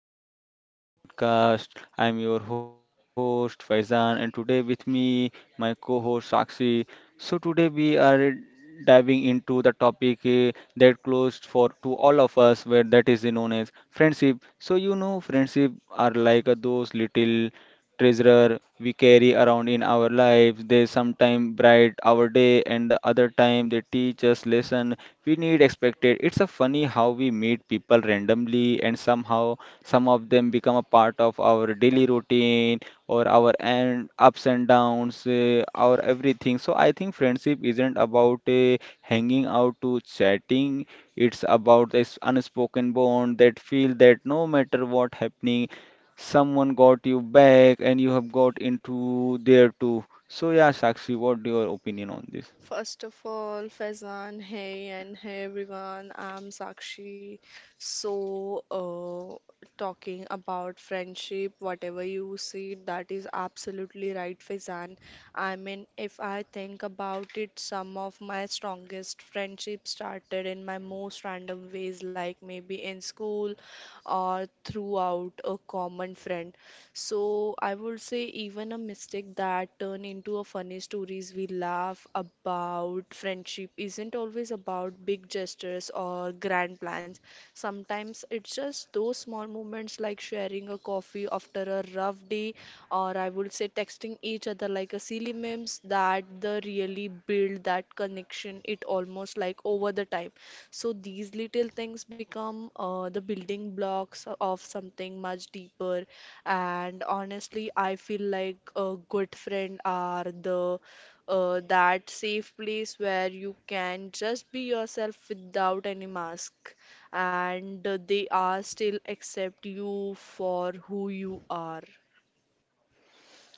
everyone, welcome to my podcast. I'm your host Faizan, and today with me my co-host Sakshi. So today we are diving into the topic that closed for to all of us, where that is known as friendship. So friendship are like those little treasure we carry around in our lives. They sometimes bright our day, and the other time they teach us lesson we need expected. It's a funny how we meet people randomly and somehow some of them become a part of our daily routine or our and ups and downs, our everything. So I think friendship isn't about hanging out to chatting. It's about this unspoken bond that feel that no matter what happening, someone got you back and you have got into there too. So yeah, Sakshi, what your opinion on this? First of all, Faizan, hey and hey everyone, I'm Sakshi. So, talking about friendship, whatever you see, that is absolutely right, Faizan. I mean, if I think about it, some of my strongest friendships started in my most random ways, like maybe in school or throughout a common friend. So I would say even a mistake that turn into a funny stories we laugh about friendship isn't always about big gestures or grand plans. Sometimes it's just those small moments like sharing a coffee after a rough day or I would say texting each other like a silly memes that the really build that connection it almost like over the time. So these little things become the building blocks of something much deeper and honestly, I feel like a good friend are the that safe place where you can just be yourself without any mask, and they are still accept you for who you are.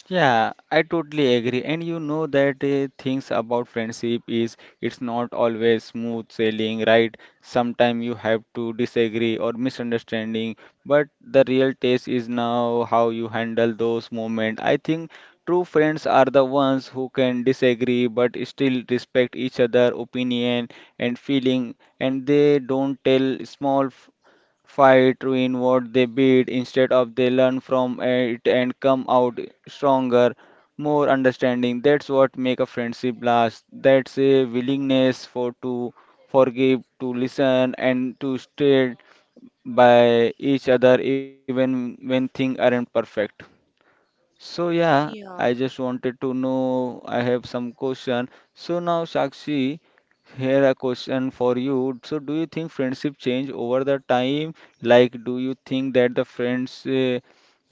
Yeah, I totally agree. And you know that things about friendship is it's not always smooth sailing, right? Sometimes you have to disagree or misunderstanding, but the real test is now how you handle those moments. I think true friends are the ones who can disagree but still respect each other opinion and feeling, and they don't tell small fight, ruin what they build. Instead of they learn from it and come out stronger, more understanding. That's what make a friendship last. That's a willingness for to forgive, to listen, and to stand by each other even when things aren't perfect. So yeah, I Yeah. just wanted to know. I have some question. So now, Sakshi, here a question for you. So do you think friendship change over the time? Like, do you think that the friends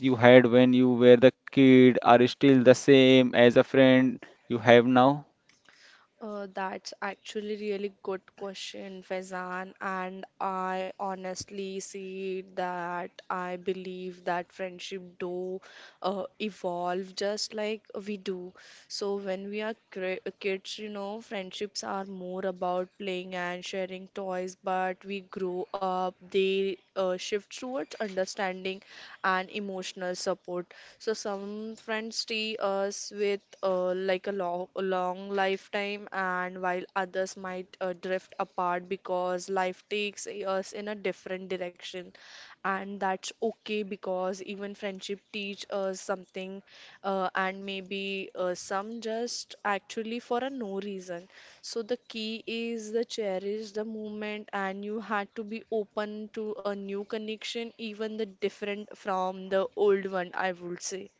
you had when you were the kid are still the same as a friend you have now? That's actually really good question, Faizan. And I honestly see that I believe that friendship do evolve just like we do. So when we are kids, you know, friendships are more about playing and sharing toys. But we grow up, they shift towards understanding and emotional support. So some friends see us with like a long lifetime, and while others might drift apart because life takes us in a different direction, and that's okay because even friendship teach us something, and maybe some just actually for a no reason. So the key is the cherish the moment and you had to be open to a new connection, even the different from the old one, I would say.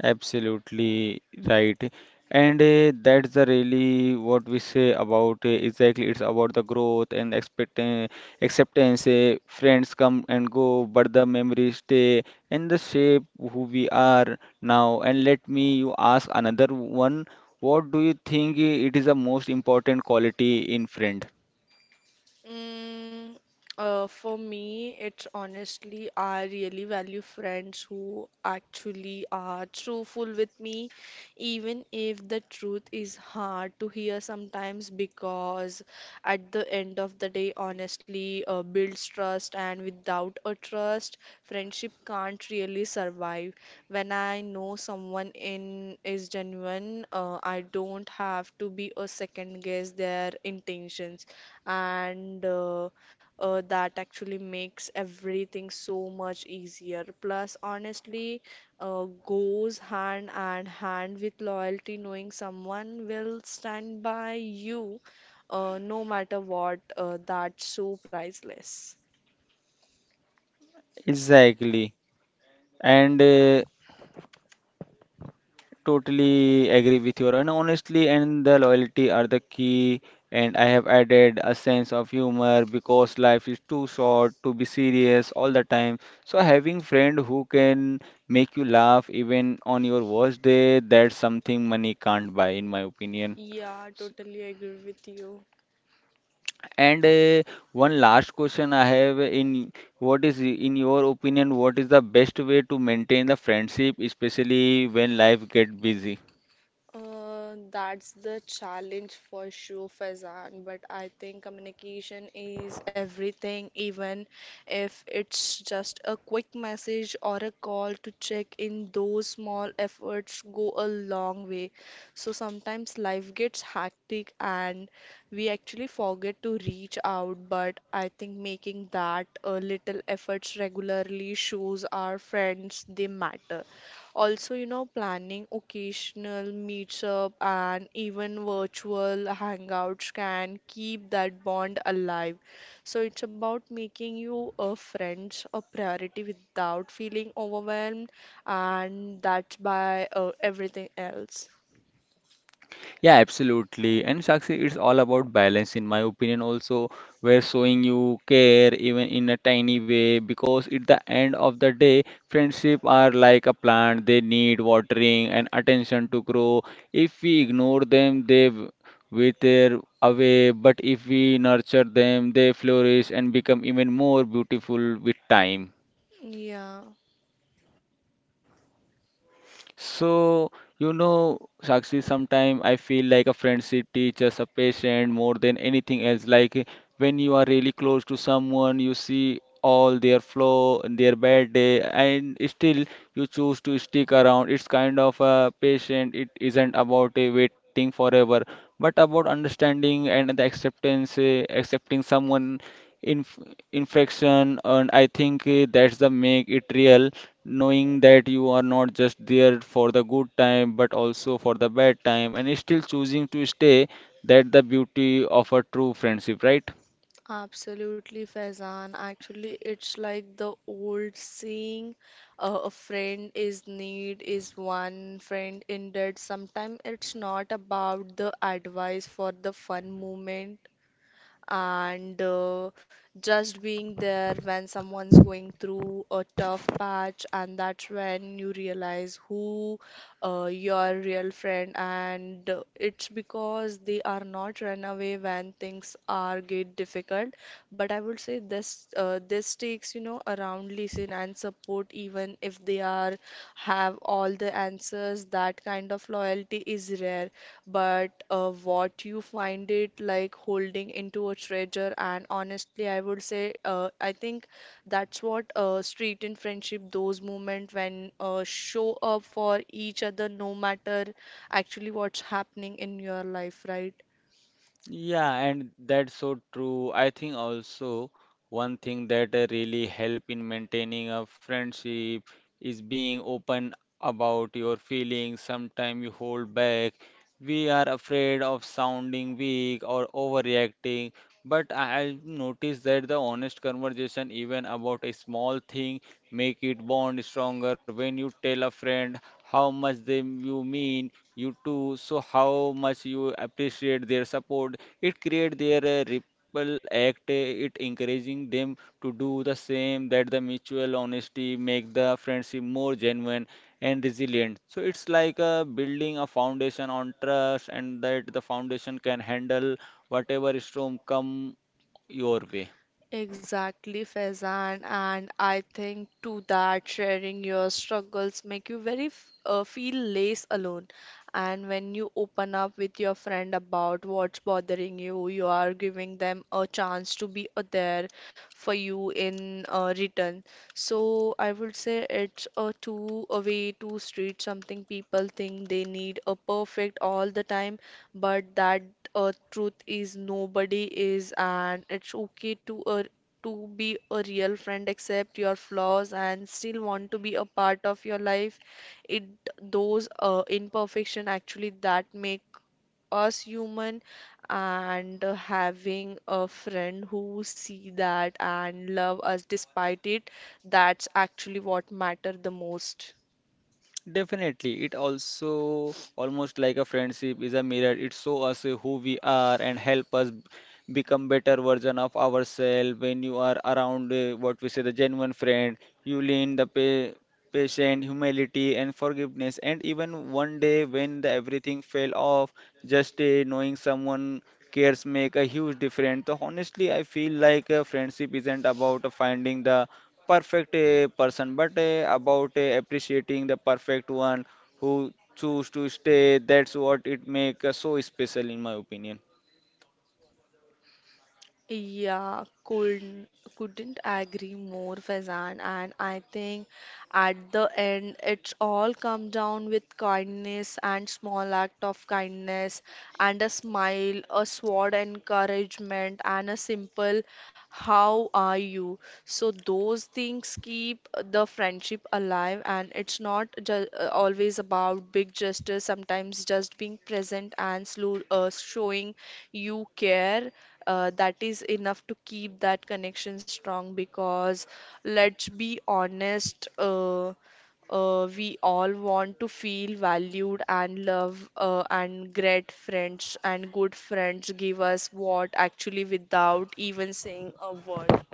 Absolutely right. And that's the really what we say about exactly it's about the growth and expect acceptance. Friends come and go, but the memories stay and the shape who we are now. And let me you ask another one. What do you think it is the most important quality in friend? Mm, for me, it's honestly, I really value friends who actually are truthful with me, even if the truth is hard to hear sometimes, because at the end of the day, honestly, builds trust, and without a trust, friendship can't really survive. When I know someone in is genuine, I don't have to be a second guess their intentions and that actually makes everything so much easier. Plus, honestly, goes hand and hand with loyalty, knowing someone will stand by you no matter what, that's so priceless. Exactly. And totally agree with your and honestly and the loyalty are the key, and I have added a sense of humor because life is too short to be serious all the time. So having friend who can make you laugh even on your worst day, that's something money can't buy in my opinion. Yeah, totally agree with you. And one last question I have in what is in your opinion what is the best way to maintain the friendship especially when life get busy? That's the challenge for sure, Faizan. But I think communication is everything, even if it's just a quick message or a call to check in, those small efforts go a long way. So sometimes life gets hectic and we actually forget to reach out. But I think making that a little efforts regularly shows our friends they matter. Also, you know, planning occasional meetup and even virtual hangouts can keep that bond alive. So it's about making you a friends a priority without feeling overwhelmed, and that's by everything else. Yeah, absolutely. And Sakshi, it's all about balance, in my opinion, also. We're showing you care even in a tiny way because at the end of the day, friendship are like a plant. They need watering and attention to grow. If we ignore them, wither away. But if we nurture them, they flourish and become even more beautiful with time. Yeah. So, you know, Sakshi, sometimes I feel like a friendship teaches a patient more than anything else. Like when you are really close to someone, you see all their flaw and their bad day, and still you choose to stick around. It's kind of a patient. It isn't about waiting forever, but about understanding and the acceptance, accepting someone in infection. And I think that's the make it real, knowing that you are not just there for the good time but also for the bad time and still choosing to stay, that the beauty of a true friendship, right? Absolutely, Faizan. Actually, it's like the old saying, a friend is need is one friend in debt. Sometimes it's not about the advice for the fun moment and just being there when someone's going through a tough patch, and that's when you realize who your real friend and it's because they are not run away when things are get difficult. But I would say this takes you know around listen and support even if they are have all the answers. That kind of loyalty is rare but what you find it like holding into a treasure. And honestly, I would say, I think that's what street in friendship, those moments when show up for each other, no matter actually what's happening in your life, right? Yeah, and that's so true. I think also one thing that really help in maintaining a friendship is being open about your feelings. Sometimes you hold back. We are afraid of sounding weak or overreacting, but I noticed that the honest conversation, even about a small thing, make it bond stronger. When you tell a friend how much they you mean, you too, so how much you appreciate their support, it create their ripple act, it encouraging them to do the same, that the mutual honesty make the friendship more genuine and resilient. So it's like building a foundation on trust, and that the foundation can handle whatever storm come your way. Exactly, Faizan, and I think to that sharing your struggles make you very feel less alone. And when you open up with your friend about what's bothering you, you are giving them a chance to be there for you in return. So I would say it's a two a way two street. Something people think they need a perfect all the time, but that truth is nobody is, and it's okay to be a real friend, accept your flaws, and still want to be a part of your life. It those imperfection actually that make us human and having a friend who see that and love us despite it that's actually what matter the most. Definitely, it also almost like a friendship is a mirror. It shows us who we are and become better version of ourselves. When you are around what we say the genuine friend, you lean the pa patient, humility, and forgiveness. And even one day when the everything fell off, just knowing someone cares make a huge difference. So honestly, I feel like friendship isn't about finding the perfect person but about appreciating the perfect one who choose to stay, that's what it make so special in my opinion. Yeah, couldn't agree more, Faizan. And I think at the end, it's all come down with kindness and small act of kindness and a smile, a sword encouragement, and a simple "How are you?" So those things keep the friendship alive, and it's not ju always about big gestures. Sometimes just being present and slow, showing you care that is enough to keep that connection strong because let's be honest, we all want to feel valued and love and great friends and good friends give us what actually without even saying a word.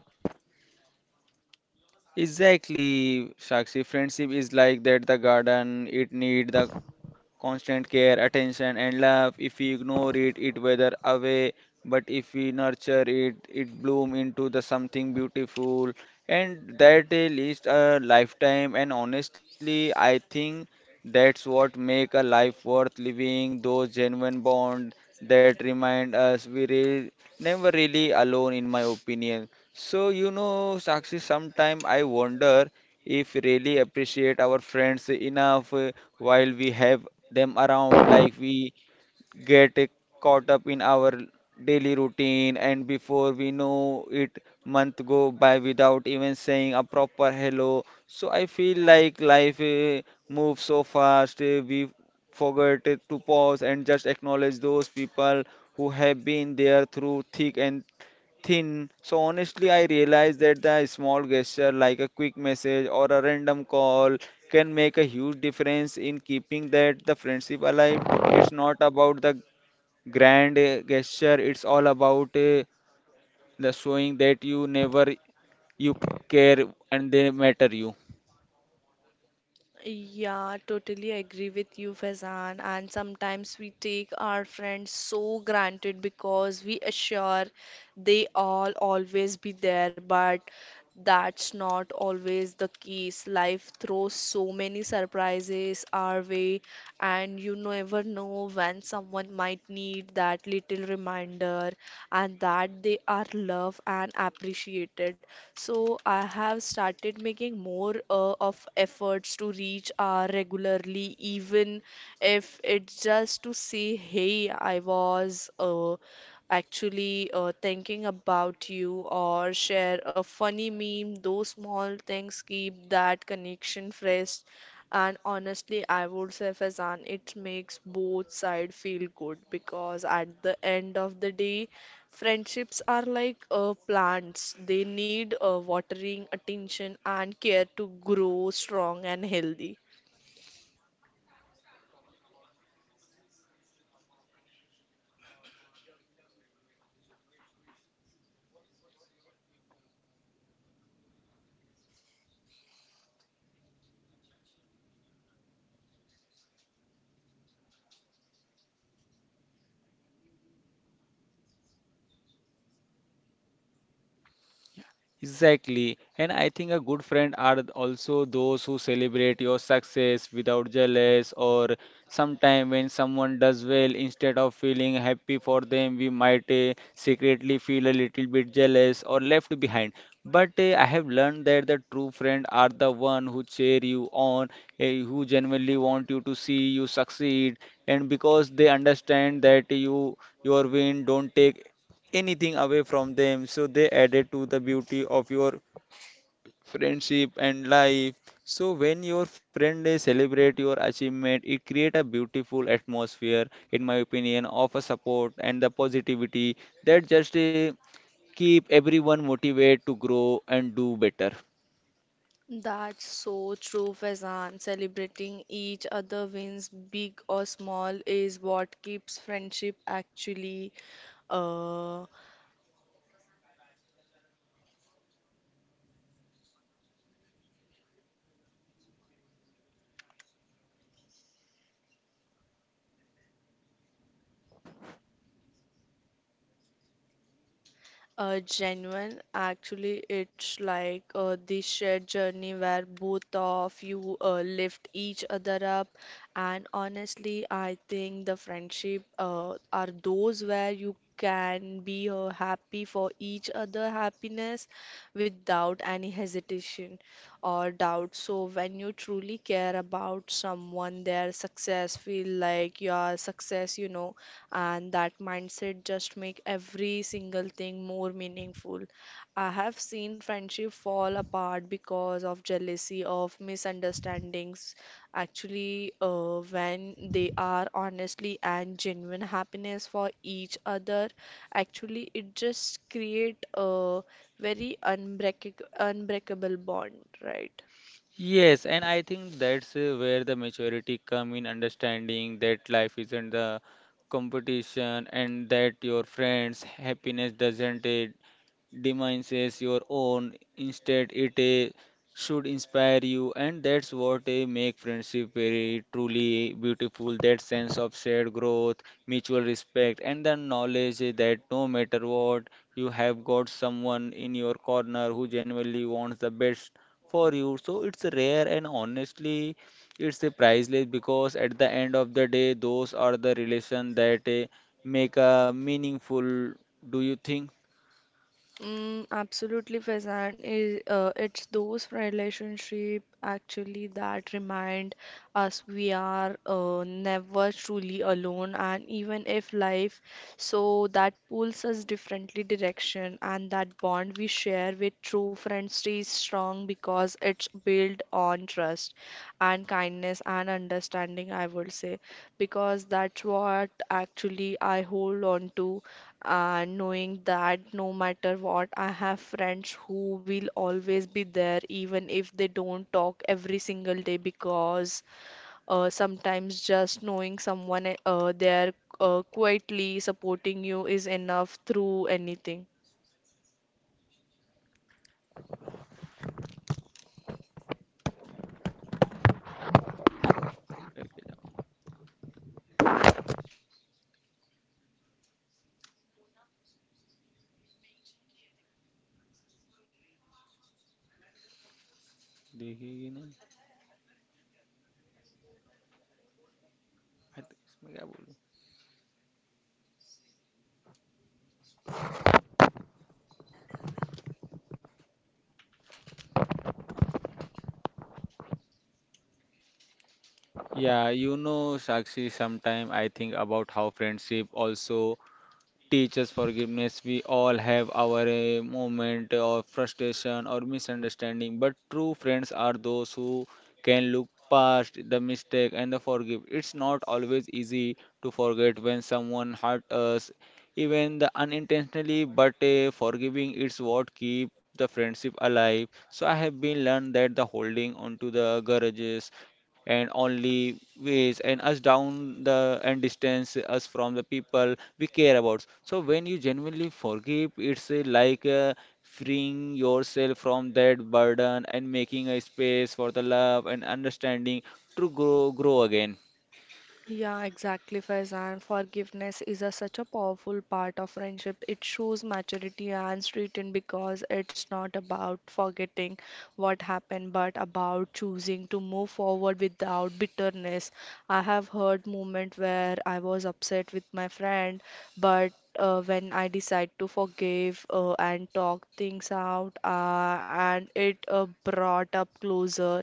Exactly, Sakshi, friendship is like that the garden, it need the constant care, attention, and love. If we ignore it, it wither away. But if we nurture it, it bloom into the something beautiful. And that lasts a lifetime. And honestly, I think that's what make a life worth living. Those genuine bonds that remind us we re never really alone, in my opinion. So Sakshi, sometime I wonder if really appreciate our friends enough while we have them around, like we get caught up in our daily routine and before we know it month go by without even saying a proper hello. So I feel like life moves so fast, we forget to pause and just acknowledge those people who have been there through thick and thin. So honestly, I realized that the small gesture like a quick message or a random call can make a huge difference in keeping that the friendship alive. It's not about the grand gesture, it's all about the showing that you never you care and they matter you. Yeah, totally agree with you, Faizan. And sometimes we take our friends so granted because we assure they all always be there. But that's not always the case. Life throws so many surprises our way, and you never know when someone might need that little reminder and that they are loved and appreciated. So, I have started making more of efforts to reach our regularly, even if it's just to say, Hey, I was. Actually thinking about you or share a funny meme. Those small things keep that connection fresh. And honestly, I would say, Fazan, it makes both sides feel good because at the end of the day, friendships are like plants. They need watering, attention, and care to grow strong and healthy. Exactly. And I think a good friend are also those who celebrate your success without jealous or sometime when someone does well, instead of feeling happy for them, we might secretly feel a little bit jealous or left behind. But I have learned that the true friend are the one who cheer you on, who genuinely want you to see you succeed, and because they understand that your win don't take anything away from them, so they added to the beauty of your friendship and life. So when your friend they celebrate your achievement, it create a beautiful atmosphere, in my opinion, of a support and the positivity that just keep everyone motivated to grow and do better. That's so true, Faizan. Celebrating each other wins, big or small, is what keeps friendship actually. Uh, Genuine. Actually, it's like the shared journey where both of you lift each other up. And honestly, I think the friendship are those where you can be happy for each other happiness without any hesitation or doubt. So when you truly care about someone, their success feel like your success, you know and that mindset just make every single thing more meaningful. I have seen friendship fall apart because of jealousy, of misunderstandings. Actually, when they are honestly and genuine happiness for each other, actually it just create a very unbreakable bond, right? Yes, and I think that's where the maturity come in understanding that life isn't the competition and that your friends' happiness doesn't demise your own. Instead, it should inspire you, and that's what make friendship very truly beautiful. That sense of shared growth, mutual respect, and the knowledge that no matter what, you have got someone in your corner who genuinely wants the best for you. So it's rare, and honestly, it's priceless because at the end of the day, those are the relation that make a meaningful. Do you think? Absolutely, Faizan. Is It's those relationship actually that remind us we are never truly alone, and even if life, so that pulls us differently direction, and that bond we share with true friends stays strong because it's built on trust and kindness and understanding, I would say, because that's what actually I hold on to knowing that no matter what, I have friends who will always be there, even if they don't talk every single day, because sometimes just knowing someone there quietly supporting you is enough through anything. देखेगी नहीं. I think इसमें क्या बोलूं. Yeah, Sakshi, sometime I think about how friendship also teaches forgiveness. We all have our moment of frustration or misunderstanding, but true friends are those who can look past the mistake and the forgive. It's not always easy to forget when someone hurt us, even the unintentionally, but forgiving is what keep the friendship alive. So I have been learned that the holding onto the grudges and only ways and us down the and distance us from the people we care about. So when you genuinely forgive, it's like freeing yourself from that burden and making a space for the love and understanding to grow again. Yeah, exactly, Faizan. Forgiveness is a, such a powerful part of friendship. It shows maturity and strength because it's not about forgetting what happened, but about choosing to move forward without bitterness. I have heard moment where I was upset with my friend, but when I decide to forgive and talk things out, and it brought up closer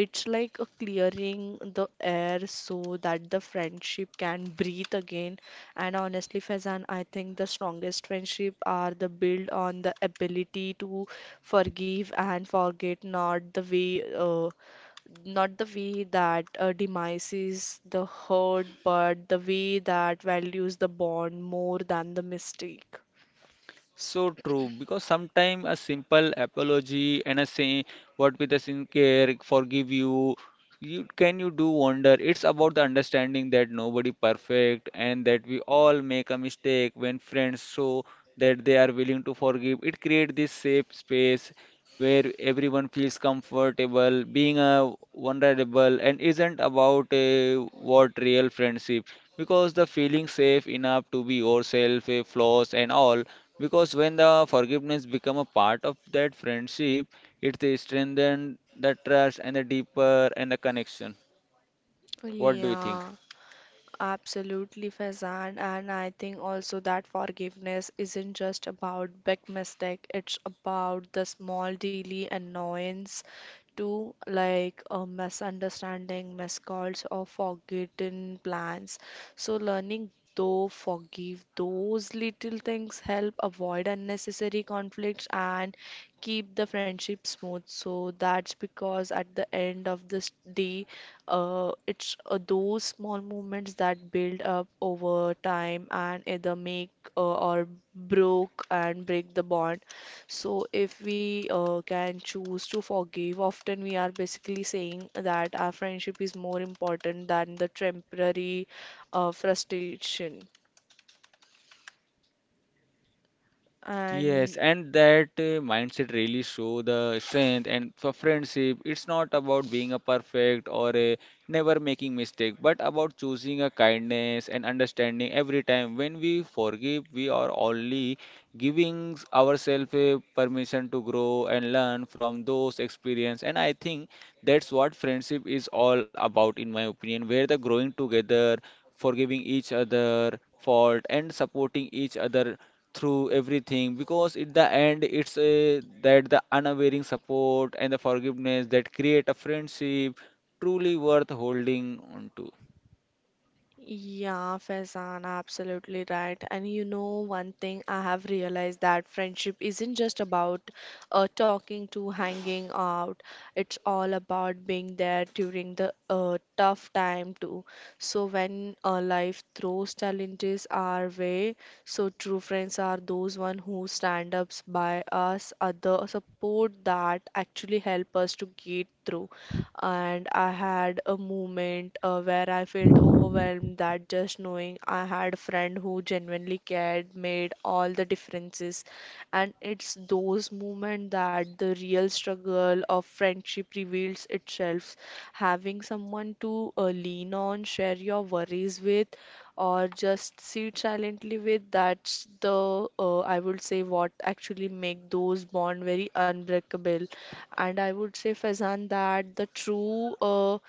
it's like a clearing the air so that the friendship can breathe again. And honestly, Faizan, I think the strongest friendship are the build on the ability to forgive and forget, not the way that demises the hurt, but the way that values the bond more than the mistake. So true, because sometimes a simple apology and a saying what with a sincere forgive you, you can you do wonder. It's about the understanding that nobody perfect and that we all make a mistake when friends show that they are willing to forgive. It creates this safe space where everyone feels comfortable being a vulnerable, and isn't about a what real friendship because the feeling safe enough to be yourself, a flaws and all, because when the forgiveness become a part of that friendship, it strengthens the trust and the deeper and the connection. What do you think? Yeah. Absolutely, Faizan. And I think also that forgiveness isn't just about big mistake, it's about the small daily annoyance too, like a misunderstanding, miscalls, or forgotten plans. So learning though forgive those little things help avoid unnecessary conflicts and keep the friendship smooth. So that's because at the end of this day, it's those small moments that build up over time and either make or broke and break the bond. So if we can choose to forgive, often we are basically saying that our friendship is more important than the temporary frustration. Yes, And and that mindset really show the strength and for friendship, it's not about being a perfect or a never making mistake, but about choosing a kindness and understanding every time. When we forgive, we are only giving ourselves a permission to grow and learn from those experience. And I think that's what friendship is all about, in my opinion, where the growing together, forgiving each other fault, and supporting each other through everything, because in the end it's that the unwavering support and the forgiveness that create a friendship truly worth holding on to. yeah, Faizan, absolutely right. And you know, one thing I have realized that friendship isn't just about talking to hanging out. It's all about being there during the tough time too. So when life throws challenges our way, so true friends are those one who stand ups by us, other support that actually help us to get through and I had a moment where I felt overwhelmed that just knowing I had a friend who genuinely cared made all the differences. And it's those moments that the real struggle of friendship reveals itself. Having someone to lean on, share your worries with, or just sit silently with, that's I would say, what actually make those bond very unbreakable. And I would say, Faizan, that the true, uh,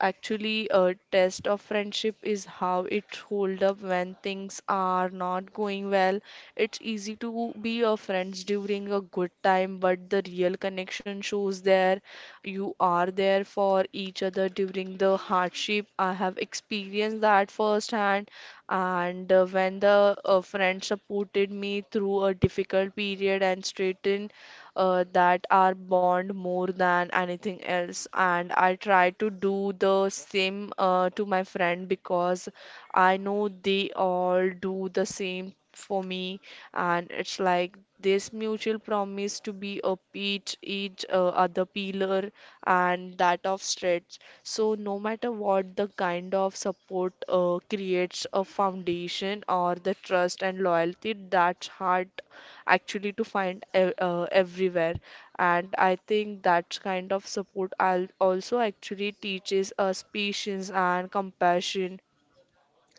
actually, uh, test of friendship is how it hold up when things are not going well. It's easy to be a friends during a good time, but the real connection shows there. You are there for each other during the hardship. I have experienced that firsthand, and when the friend supported me through a difficult period and straightened that are bond more than anything else. And I try to do the same to my friend because I know they all do the same for me. And it's like this mutual promise to be a each other pillar and that of stretch. So no matter what the kind of support creates a foundation or the trust and loyalty that's hard actually to find everywhere. And I think that kind of support also actually teaches us patience and compassion.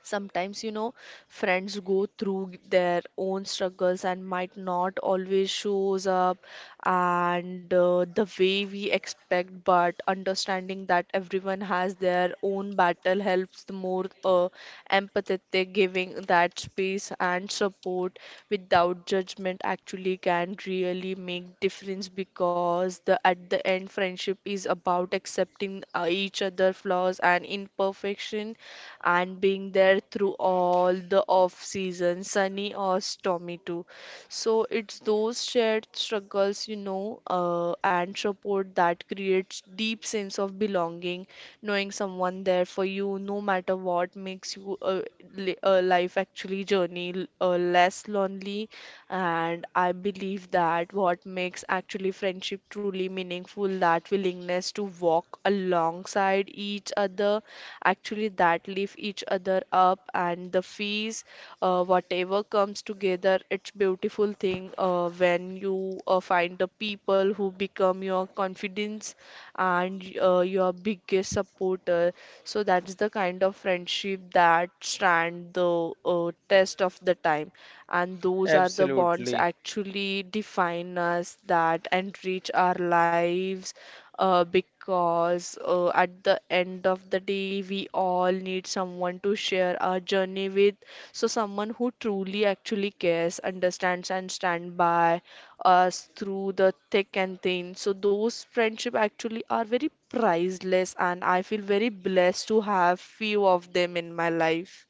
Sometimes, you know, friends go through their own struggles and might not always shows up and the way we expect, but understanding that everyone has their own battle helps the more empathetic, giving that space and support without judgment actually can really make difference because the at the end friendship is about accepting each other flaws and imperfection, and being there through all the off season, sunny or stormy too. So it's those shared struggles, and support that creates deep sense of belonging, knowing someone there for you, no matter what makes you a life actually journey less lonely, and I believe that what makes actually friendship truly meaningful, that willingness to walk alongside each other, actually that lift each other up and the fees, whatever comes together, it's beautiful thing when you find the people who become your confidence and your biggest supporter. So that's the kind of friendship that stand the test of the time, and those are the bonds Absolutely. actually define us that enrich our lives, because at the end of the day we all need someone to share our journey with, so someone who truly actually cares, understands and stand by us through the thick and thin. So those friendship actually are very priceless, and I feel very blessed to have few of them in my life.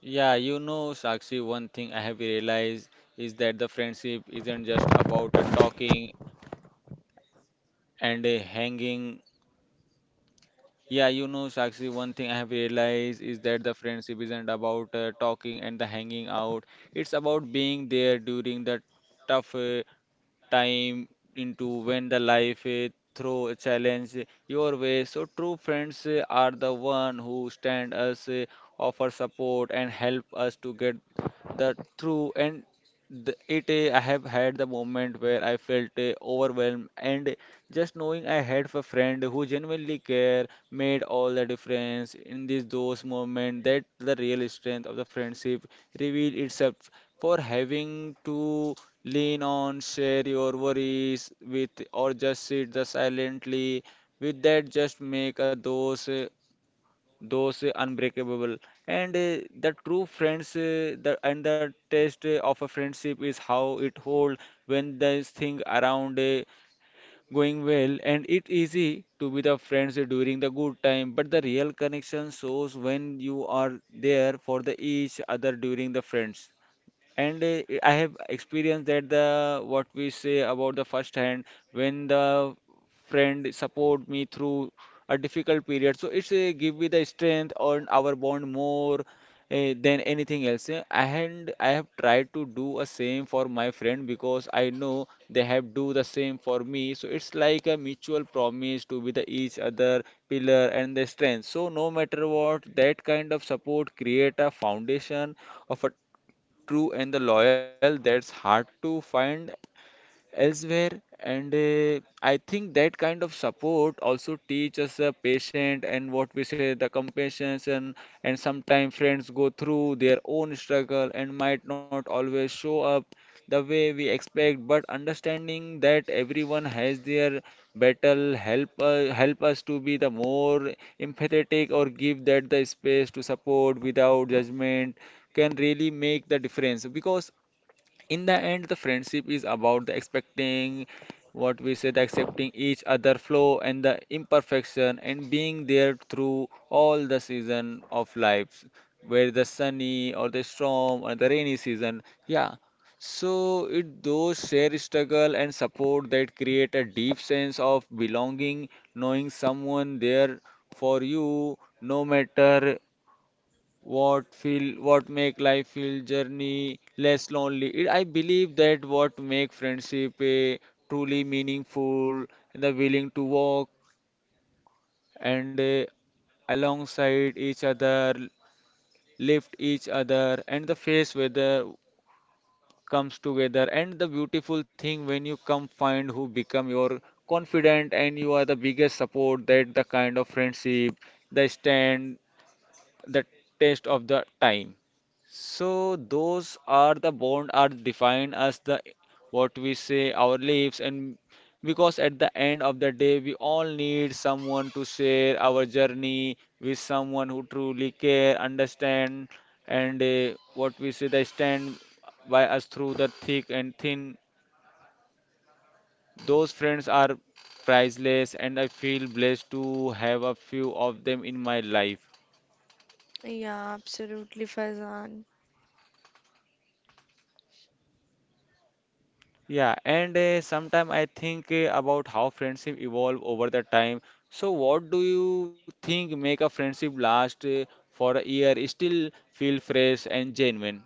Yeah, Sakshi, one thing I have realized is that the friendship isn't just about a talking and a hanging. Yeah, Sakshi, one thing I have realized is that the friendship isn't about talking and the hanging out. It's about being there during the tough time, into when the life throw a challenge your way. So true friends are the one who stand us, offer support and help us to get the through. And I have had the moment where I felt overwhelmed, and just knowing I had a friend who genuinely care made all the difference in this those moment that the real strength of the friendship revealed itself for having to lean on, share your worries with, or just sit the silently with that. Just make a those unbreakable. And the true friends, the and the test of a friendship is how it hold when this thing around going well. And it easy to be the friends during the good time, but the real connection shows when you are there for the each other during the friends. And I have experienced that the what we say about the first hand when the friend support me through a difficult period. So it's give me the strength on our bond more than anything else. Eh. And I have tried to do a same for my friend because I know they have do the same for me. So it's like a mutual promise to be the each other pillar and the strength. So no matter what, that kind of support create a foundation of a true and the loyal that's hard to find elsewhere, and I think that kind of support also teach us a patient and what we say the compassion. And sometimes friends go through their own struggle and might not always show up the way we expect, but understanding that everyone has their battle help us to be the more empathetic or give that the space to support without judgment can really make the difference, because in the end the friendship is about the expecting what we said accepting each other flaw and the imperfection and being there through all the season of life, where the sunny or the storm or the rainy season, yeah. So it those share struggle and support that create a deep sense of belonging, knowing someone there for you no matter what feel what make life feel journey less lonely. I believe that what make friendship truly meaningful, the willing to walk and eh, alongside each other, lift each other and the face weather comes together, and the beautiful thing when you come find who become your confident and you are the biggest support, that the kind of friendship they stand the test of the time. So those are the bond are defined as the what we say our lives, and because at the end of the day we all need someone to share our journey with, someone who truly care, understand, and what we say they stand by us through the thick and thin. Those friends are priceless and I feel blessed to have a few of them in my life. Yeah, absolutely, Faizan. Yeah, and sometime I think about how friendship evolve over the time. So, what do you think make a friendship last for a year, still feel fresh and genuine?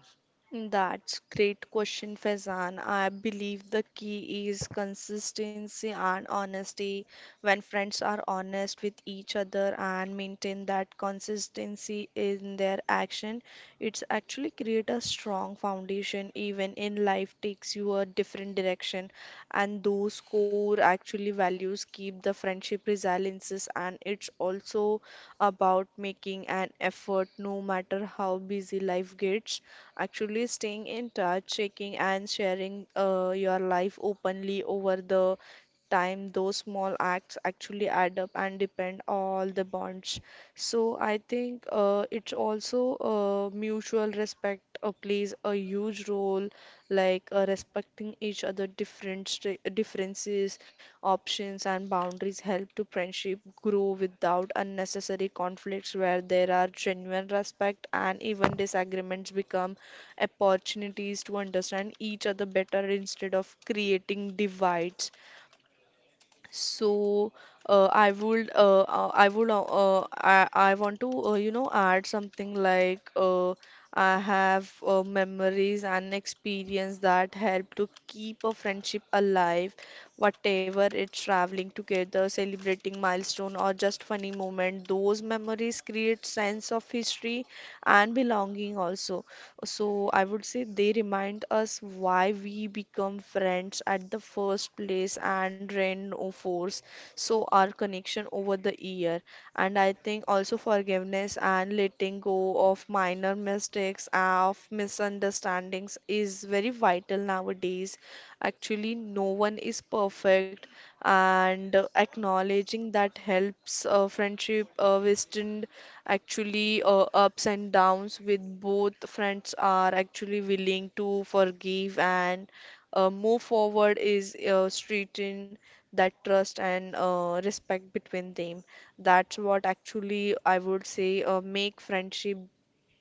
That's great question, Faizan. I believe the key is consistency and honesty. When friends are honest with each other and maintain that consistency in their action, it's actually create a strong foundation even in life takes you a different direction. And those core actually values keep the friendship resiliences, and it's also about making an effort no matter how busy life gets, actually staying in touch, checking and sharing your life openly over the time. Those small acts actually add up and depend all the bonds. So I think it's also mutual respect plays a huge role, like respecting each other different differences, options and boundaries help to friendship grow without unnecessary conflicts where there are genuine respect, and even disagreements become opportunities to understand each other better instead of creating divides. So I would I would I want to add something like I have memories and experience that help to keep a friendship alive, whatever it's traveling together, celebrating milestone or just funny moment. Those memories create sense of history and belonging also. So I would say they remind us why we become friends at the first place and reinforce so our connection over the year. And I think also forgiveness and letting go of minor mistakes, of misunderstandings is very vital nowadays. Actually, no one is perfect, and acknowledging that helps friendship withstand actually ups and downs with both friends are actually willing to forgive, and move forward is strengthen that trust and respect between them. That's what actually I would say make friendship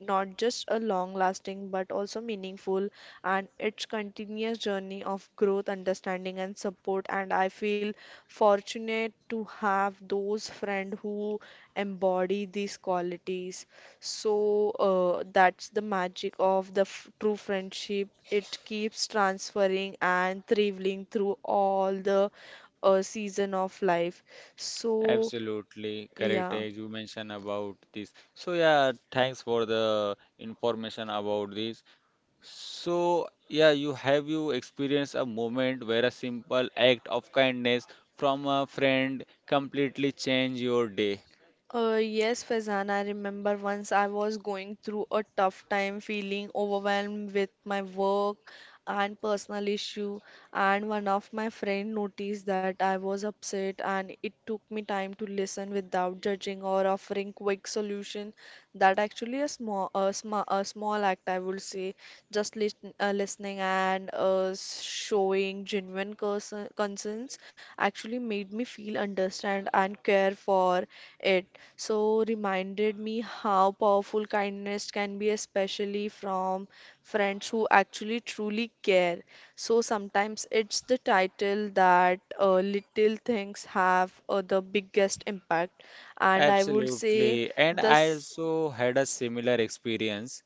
not just a long lasting but also meaningful, and it's continuous journey of growth understanding and support, and I feel fortunate to have those friend who embody these qualities. So that's the magic of the f true friendship. It keeps transferring and thriving through all the season of life. So Absolutely correct, yeah. as you mentioned about this. So, yeah, thanks for the information about this. So, yeah, you have you experienced a moment where a simple act of kindness from a friend completely change your day? Yes, Faizan, I remember once I was going through a tough time, feeling overwhelmed with my work and personal issue, and one of my friend noticed that I was upset, and it took me time to listen without judging or offering quick solution. That actually a small act, I would say, just listening and showing genuine concerns actually made me feel understand and care for it, so reminded me how powerful kindness can be, especially from friends who actually truly care. So sometimes it's the title that little things have the biggest impact, and I would say Absolutely. And I this. also had a similar experience.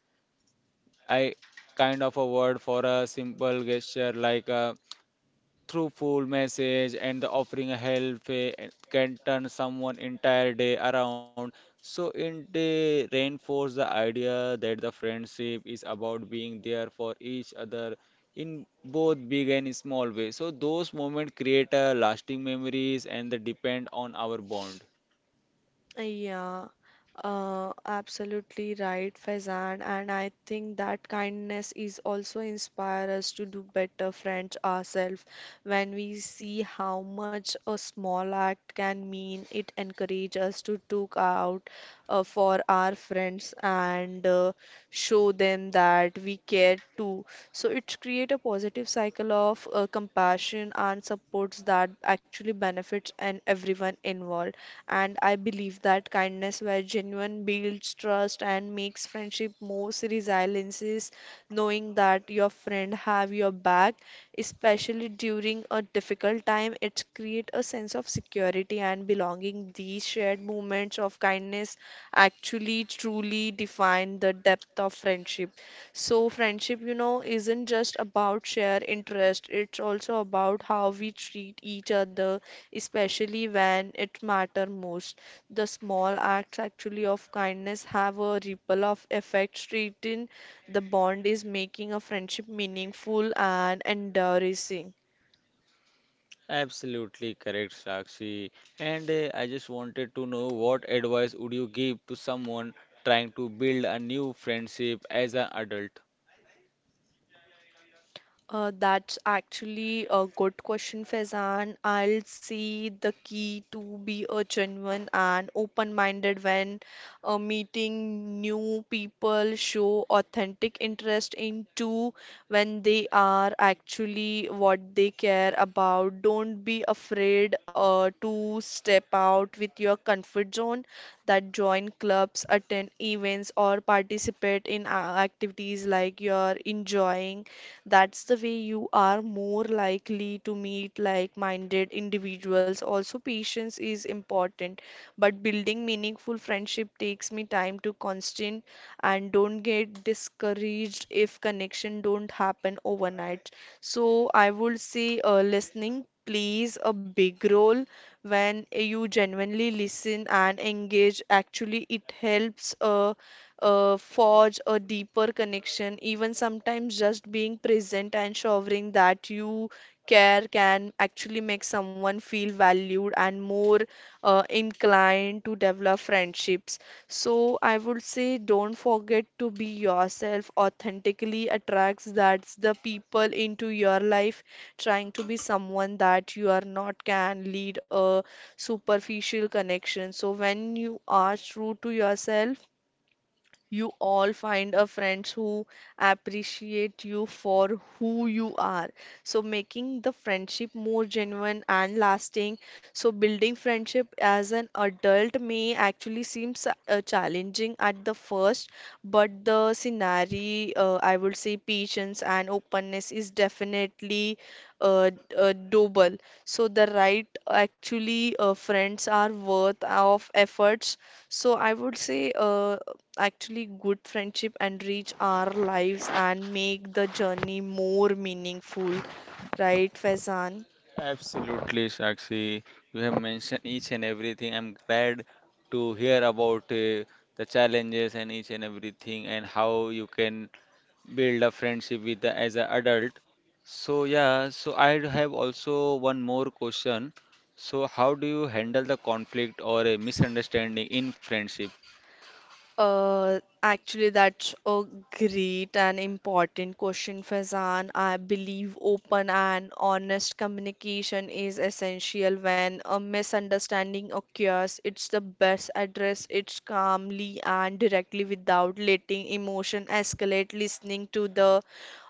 I kind of a word for a simple gesture like a truthful message and the offering a help, and can turn someone entire day around. So in they reinforce the idea that the friendship is about being there for each other in both big and small ways. So those moments create a lasting memories and they depend on our bond. Yeah, absolutely right, Faizan. And I think that kindness is also inspire us to do better friends ourselves. When we see how much a small act can mean, it encourages us to look out for our friends and show them that we care too. So it create a positive cycle of compassion and supports that actually benefits and everyone involved. And I believe that kindness, where genuine, builds trust and makes friendship more resilient, is knowing that your friend have your back, especially during a difficult time. It creates a sense of security and belonging. These shared moments of kindness actually truly define the depth of friendship. So, friendship, you know, isn't just about shared interest, it's also about how we treat each other, especially when it matter most. The small acts actually of kindness have a ripple of effect straighten the bond is making a friendship meaningful and enduring. Absolutely correct, Sakshi. And I just wanted to know what advice would you give to someone trying to build a new friendship as an adult? That's actually a good question, Faizan. I'll see the key to be a genuine and open-minded when meeting new people, show authentic interest into when they are actually what they care about. Don't be afraid to step out with your comfort zone, that join clubs, attend events, or participate in activities like you're enjoying. That's the way you are more likely to meet like-minded individuals. Also, patience is important, but building meaningful friendship takes me time to constant, and don't get discouraged if connection don't happen overnight. So I would say listening plays a big role when you genuinely listen and engage. Actually, it helps. Forge a deeper connection. Even sometimes just being present and showing that you care can actually make someone feel valued and more inclined to develop friendships. So I would say don't forget to be yourself, authentically attracts that's the people into your life. Trying to be someone that you are not can lead a superficial connection. So when you are true to yourself, you all find a friends who appreciate you for who you are, so making the friendship more genuine and lasting. So building friendship as an adult may actually seem challenging at the first, but the scenario, I would say patience and openness is definitely uh, doable. So the right actually friends are worth of efforts, so I would say, actually, good friendship enrich our lives and make the journey more meaningful, right, Faizan? Absolutely, Sakshi. You have mentioned each and everything. I'm glad to hear about the challenges and each and everything and how you can build a friendship as an adult. So yeah, so I have also one more question. So how do you handle the conflict or a misunderstanding in friendship? Actually, that's a great and important question, Faizan. I believe open and honest communication is essential when a misunderstanding occurs. It's the best address it's calmly and directly without letting emotion escalate, listening to the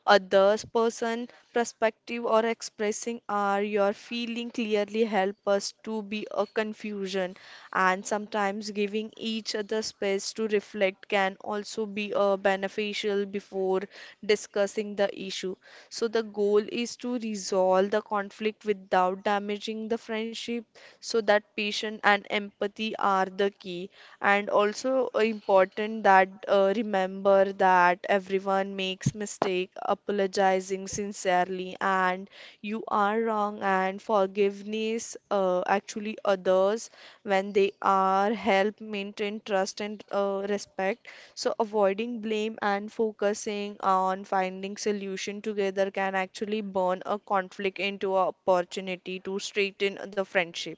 other's person perspective or expressing are your feeling clearly help us to be a confusion, and sometimes giving each other space to reflect can also be beneficial before discussing the issue. So the goal is to resolve the conflict without damaging the friendship, so that patience and empathy are the key. And also important that remember that everyone makes mistake, apologizing sincerely and you are wrong, and forgiveness actually others when they are help maintain trust and respect. So avoiding blame and focusing on finding solution together can actually burn a conflict into an opportunity to straighten the friendship.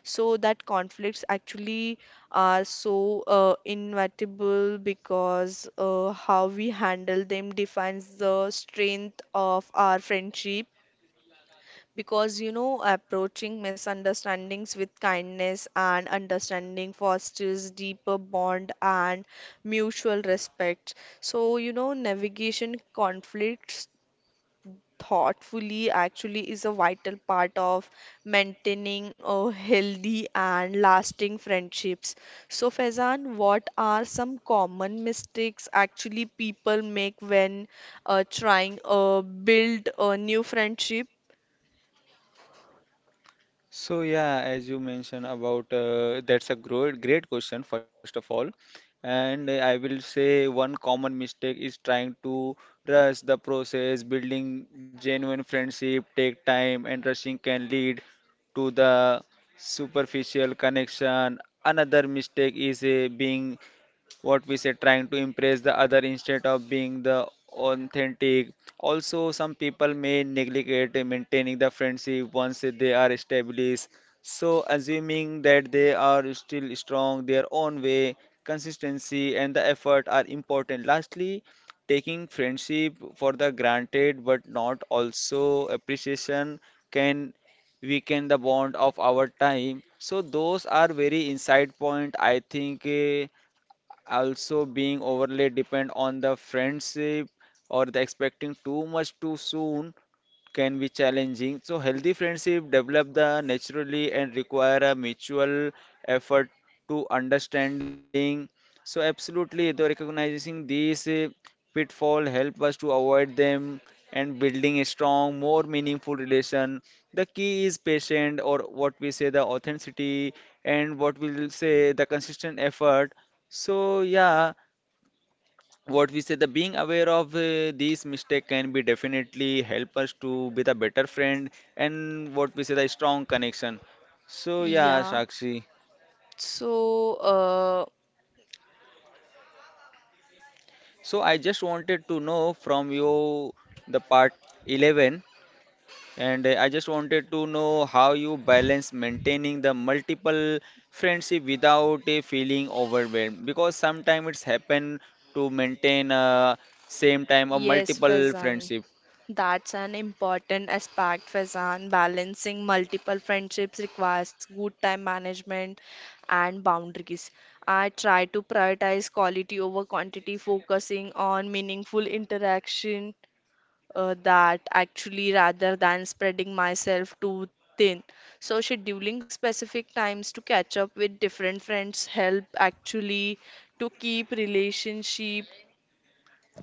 So that conflicts actually are so inevitable, because how we handle them defines the strength of our friendship, because you know approaching misunderstandings with kindness and understanding fosters deeper bond and mutual respect. So you know navigation conflicts thoughtfully actually is a vital part of maintaining a healthy and lasting friendships. So Faizan, what are some common mistakes actually people make when trying build a new friendship? So yeah, as you mentioned about, that's a great question first of all. And I will say one common mistake is trying to rush the process, building genuine friendship take time, and rushing can lead to the superficial connection. Another mistake is being what we say trying to impress the other instead of being the authentic. Also some people may neglect maintaining the friendship once they are established, so assuming that they are still strong their own way. Consistency and the effort are important. Lastly, taking friendship for the granted but not also appreciation can weaken the bond of our time. So those are very insight point, I think. Also being overly depend on the friendship or the expecting too much too soon can be challenging. So healthy friendship develop the naturally and require a mutual effort to understanding. So absolutely, the recognizing these pitfall help us to avoid them, and building a strong, more meaningful relation. The key is patient or what we say the authenticity and what we'll say the consistent effort. So yeah, what we say the being aware of these mistake can be definitely help us to be the better friend and what we say the strong connection. So yeah, Yeah. Sakshi, So, so I just wanted to know from you the part 11, and I just wanted to know how you balance maintaining the multiple friendship without a feeling overwhelmed, because sometimes it's happen to maintain same time a yes, multiple Faizan, friendship. that's an important aspect, Faizan. Balancing multiple friendships requires good time management and boundaries. I try to prioritize quality over quantity, focusing on meaningful interaction that actually rather than spreading myself too thin. So, scheduling specific times to catch up with different friends help actually to keep relationship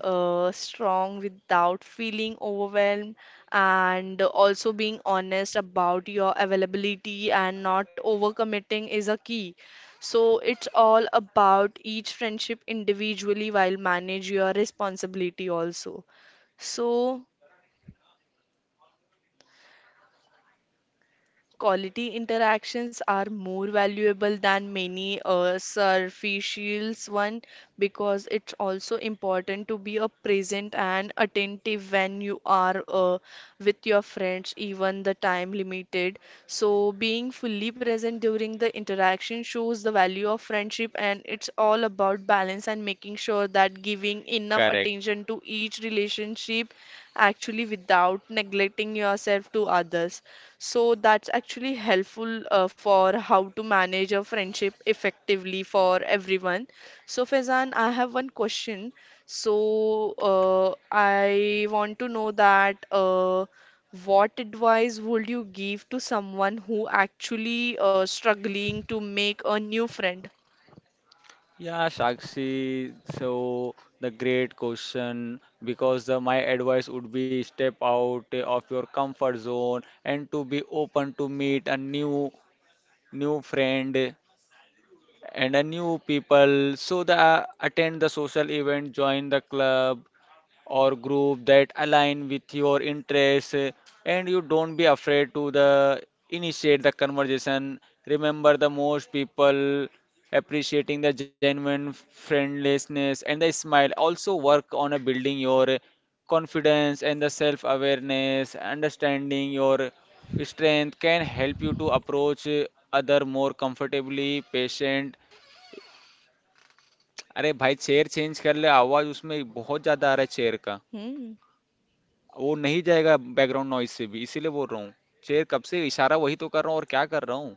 strong without feeling overwhelmed, and also being honest about your availability and not overcommitting is a key. So it's all about each friendship individually while manage your responsibility also. So quality interactions are more valuable than many superficials one, because it's also important to be a present and attentive when you are with your friends, even the time limited. So being fully present during the interaction shows the value of friendship, and it's all about balance and making sure that giving Correct. enough attention to each relationship actually without neglecting yourself to others. So that's actually helpful for how to manage a friendship effectively for everyone. So Faizan, I have one question. I want to know that what advice would you give to someone who actually struggling to make a new friend? Yeah, Sakshi. So the great question, because my advice would be step out of your comfort zone and to be open to meet a new friend and a new people. So the attend the social event, join the club, or group that align with your interests, and you don't be afraid to the initiate the conversation. Remember, the most people appreciating the genuine friendliness and the smile. Also work on a building your confidence and the self awareness understanding your strength can help you to approach other more comfortably, patient. अरे भाई chair change कर ले, आवाज उसमें बहुत ज्यादा आ रहा है चेयर का। Hmm. वो नहीं जाएगा बैकग्राउंड नॉइज से भी, इसीलिए बोल रहा हूँ। चेयर कब से इशारा वही तो कर रहा हूँ, और क्या कर रहा हूँ।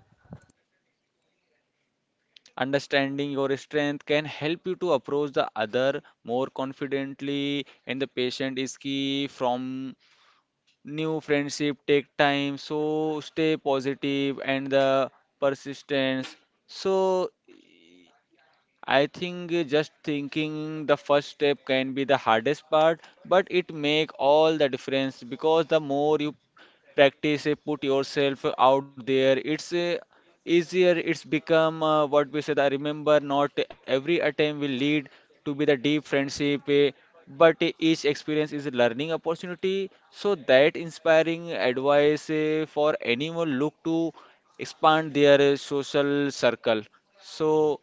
अंडरस्टैंडिंग और strength can help you to approach the other more confidently, and the patience is key. From new friendship take time, so stay positive and the persistence, so I think just thinking the first step can be the hardest part, but it make all the difference, because the more you practice put yourself out there, it's easier it's become what we said. I remember not every attempt will lead to be the deep friendship, but each experience is a learning opportunity. So that inspiring advice for anyone look to expand their social circle. So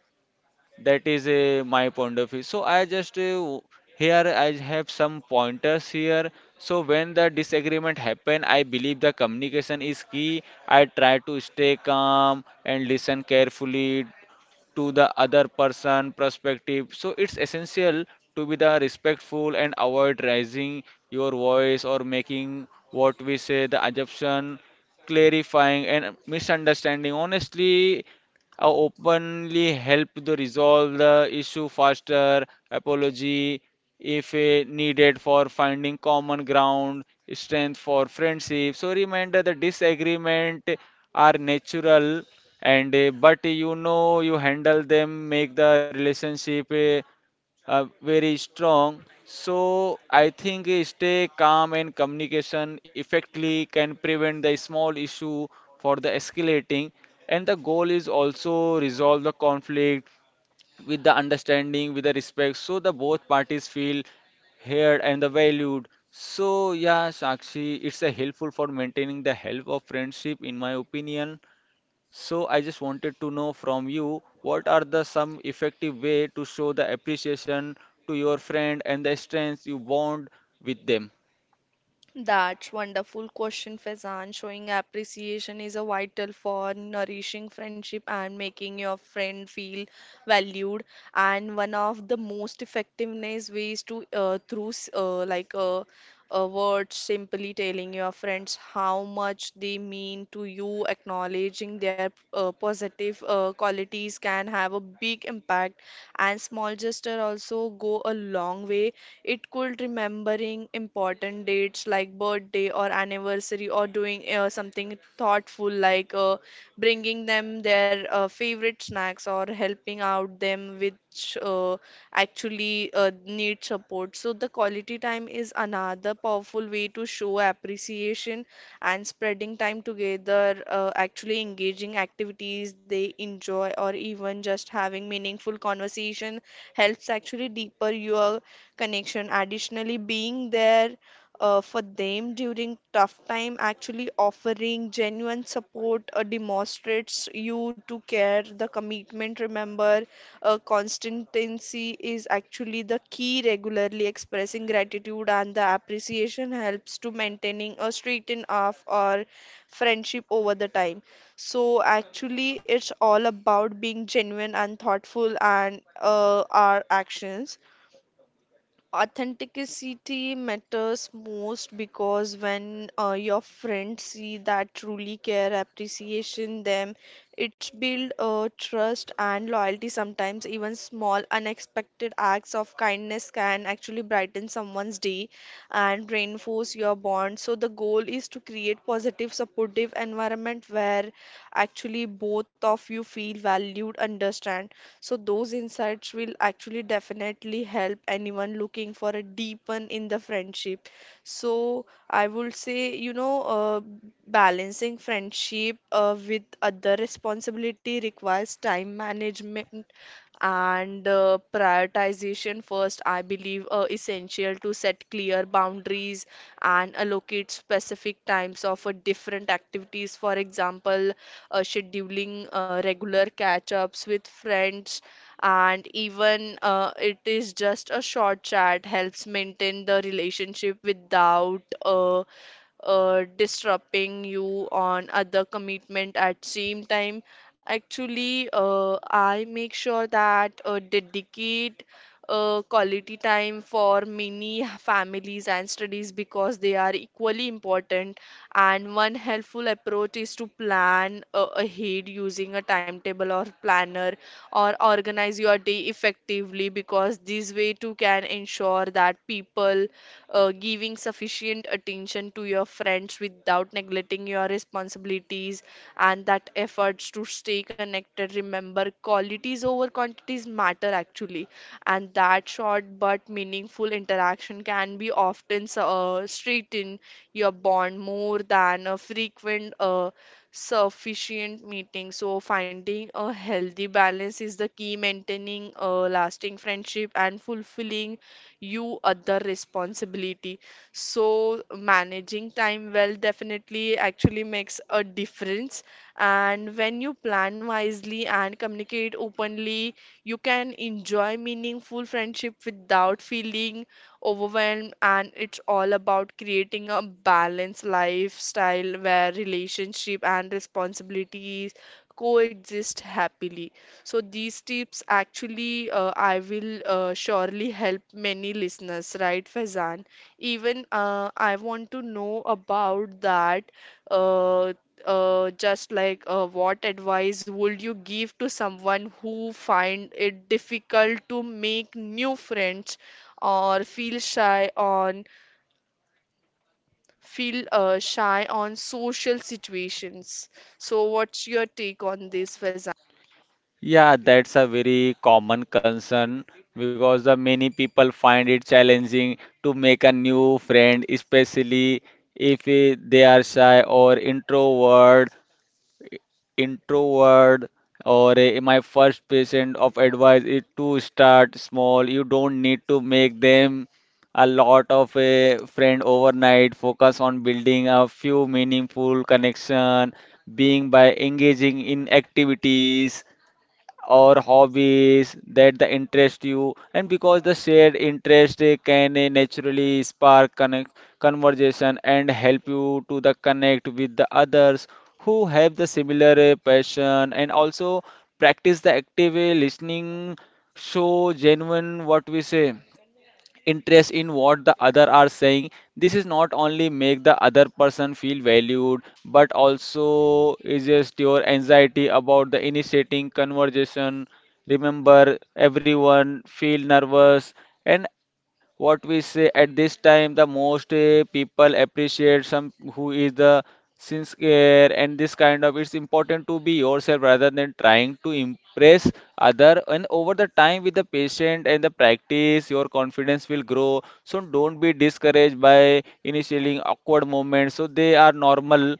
that is my point of view. So I just here I have some pointers here. So when the disagreement happen, I believe the communication is key. I try to stay calm and listen carefully to the other person perspective, so it's essential to be the respectful and avoid raising your voice or making what we say the assumption. Clarifying and misunderstanding honestly openly help to resolve the issue faster. Apology if needed for finding common ground strength for friendship. So remember the disagreement are natural, and but you handle them make the relationship very strong. So I think stay calm and communication effectively can prevent the small issue for the escalating, and the goal is also resolve the conflict with the understanding with the respect, so the both parties feel heard and the valued. So yeah, Sakshi, it's a helpful for maintaining the health of friendship in my opinion. So I just wanted to know from you what are the some effective way to show the appreciation to your friend and the strengths you bond with them. That's wonderful question, Faizan. Showing appreciation is a vital for nourishing friendship and making your friend feel valued. And one of the most effectiveness ways to through s- like words, simply telling your friends how much they mean to you, acknowledging their positive qualities can have a big impact. And small gesture also go a long way. It could remembering important dates like birthday or anniversary, or doing something thoughtful like bringing them their favorite snacks or helping out them which actually need support. So the quality time is another powerful way to show appreciation, and spreading time together, actually engaging activities they enjoy or even just having meaningful conversation helps actually deeper your connection. Additionally, being there for them during tough time, actually offering genuine support demonstrates you to care. The commitment, remember, constancy is actually the key. Regularly expressing gratitude and the appreciation helps to maintaining a straighten off or friendship over the time. So actually, it's all about being genuine and thoughtful, and our actions authenticity matters most, because when your friends see that truly care appreciation them, it's build trust and loyalty. Sometimes even small unexpected acts of kindness can actually brighten someone's day and reinforce your bond. So the goal is to create positive supportive environment where actually both of you feel valued understand. So those insights will actually definitely help anyone looking for a deepen in the friendship. So I would say, you know, balancing friendship with other responsibility requires time management and prioritization. First I believe essential to set clear boundaries and allocate specific times of different activities. For example, scheduling regular catch ups with friends, and even it is just a short chat helps maintain the relationship without disrupting you on other commitment at same time. Actually, I make sure that dedicate quality time for many families and studies, because they are equally important. And one helpful approach is to plan ahead using a timetable or planner, or organize your day effectively, because this way too can ensure that people giving sufficient attention to your friends without neglecting your responsibilities and that efforts to stay connected. Remember qualities over quantities matter actually, and that short but meaningful interaction can be often strengthen your bond more than a frequent sufficient meeting. So finding a healthy balance is the key maintaining a lasting friendship and fulfilling you other responsibility. So managing time well definitely actually makes a difference. And when you plan wisely and communicate openly, you can enjoy meaningful friendship without feeling overwhelmed, and it's all about creating a balanced lifestyle where relationship and responsibilities coexist happily. So these tips actually I will surely help many listeners, right, Faizan? Even I want to know about that uh, just like what advice would you give to someone who find it difficult to make new friends or feel shy on social situations? So what's your take on this, Faizan? Yeah, that's a very common concern, because the many people find it challenging to make a new friend, especially if they are shy or introvert. My first patient of advice is to start small. You don't need to make them a lot of a friend overnight, focus on building a few meaningful connection, being by engaging in activities or hobbies that the interest you, and because the shared interest can naturally spark connect conversation and help you to the connect with the others who have the similar passion. And also practice the active listening, show genuine what we say interest in what the other are saying. This is not only make the other person feel valued but also is just your anxiety about the initiating conversation. Remember, everyone feel nervous. And what we say at this time the most people appreciate some who is the sincere, and this kind of it's important to be yourself rather than trying to impress other. And over the time with the patient and the practice your confidence will grow, so don't be discouraged by initiating awkward moments. So they are normal,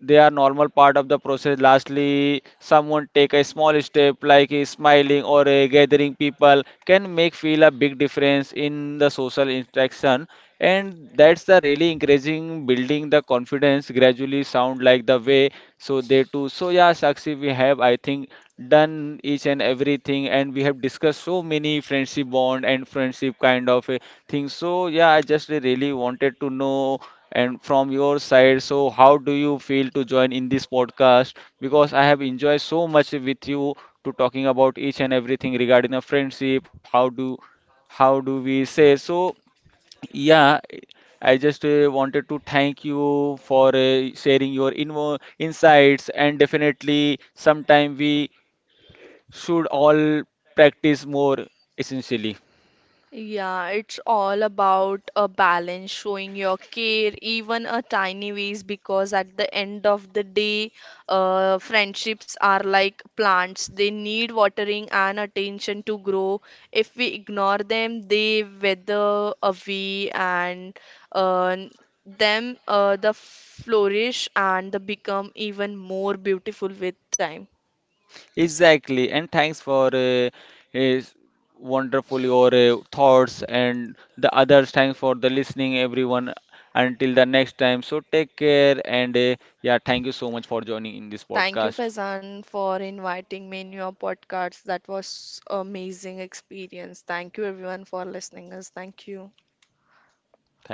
they are normal part of the process. Lastly, someone take a small step like a smiling or a gathering people can make feel a big difference in the social interaction. And that's the really encouraging building the confidence gradually sound like the way, so they too. So yeah, Sakshi, we have, I think, done each and everything, and we have discussed so many friendship bond and friendship kind of a thing. So yeah, I just really wanted to know and from your side, so how do you feel to join in this podcast? Because I have enjoyed so much with you to talking about each and everything regarding a friendship. How do we say? So yeah, I just wanted to thank you for sharing your invo insights, and definitely sometime we should all practice more essentially. Yeah, it's all about a balance, showing your care, even a tiny ways, because at the end of the day, friendships are like plants. They need watering and attention to grow. If we ignore them, they wither away and uh, the flourish and the become even more beautiful with time. Exactly, and thanks for is wonderful your thoughts and the others. Thanks for the listening, everyone. Until the next time, so take care, and yeah, thank you so much for joining in this Thank you, podcast. Faizan, for inviting me in your podcast. That was amazing experience. Thank you everyone for listening us. Thank you. Thank you.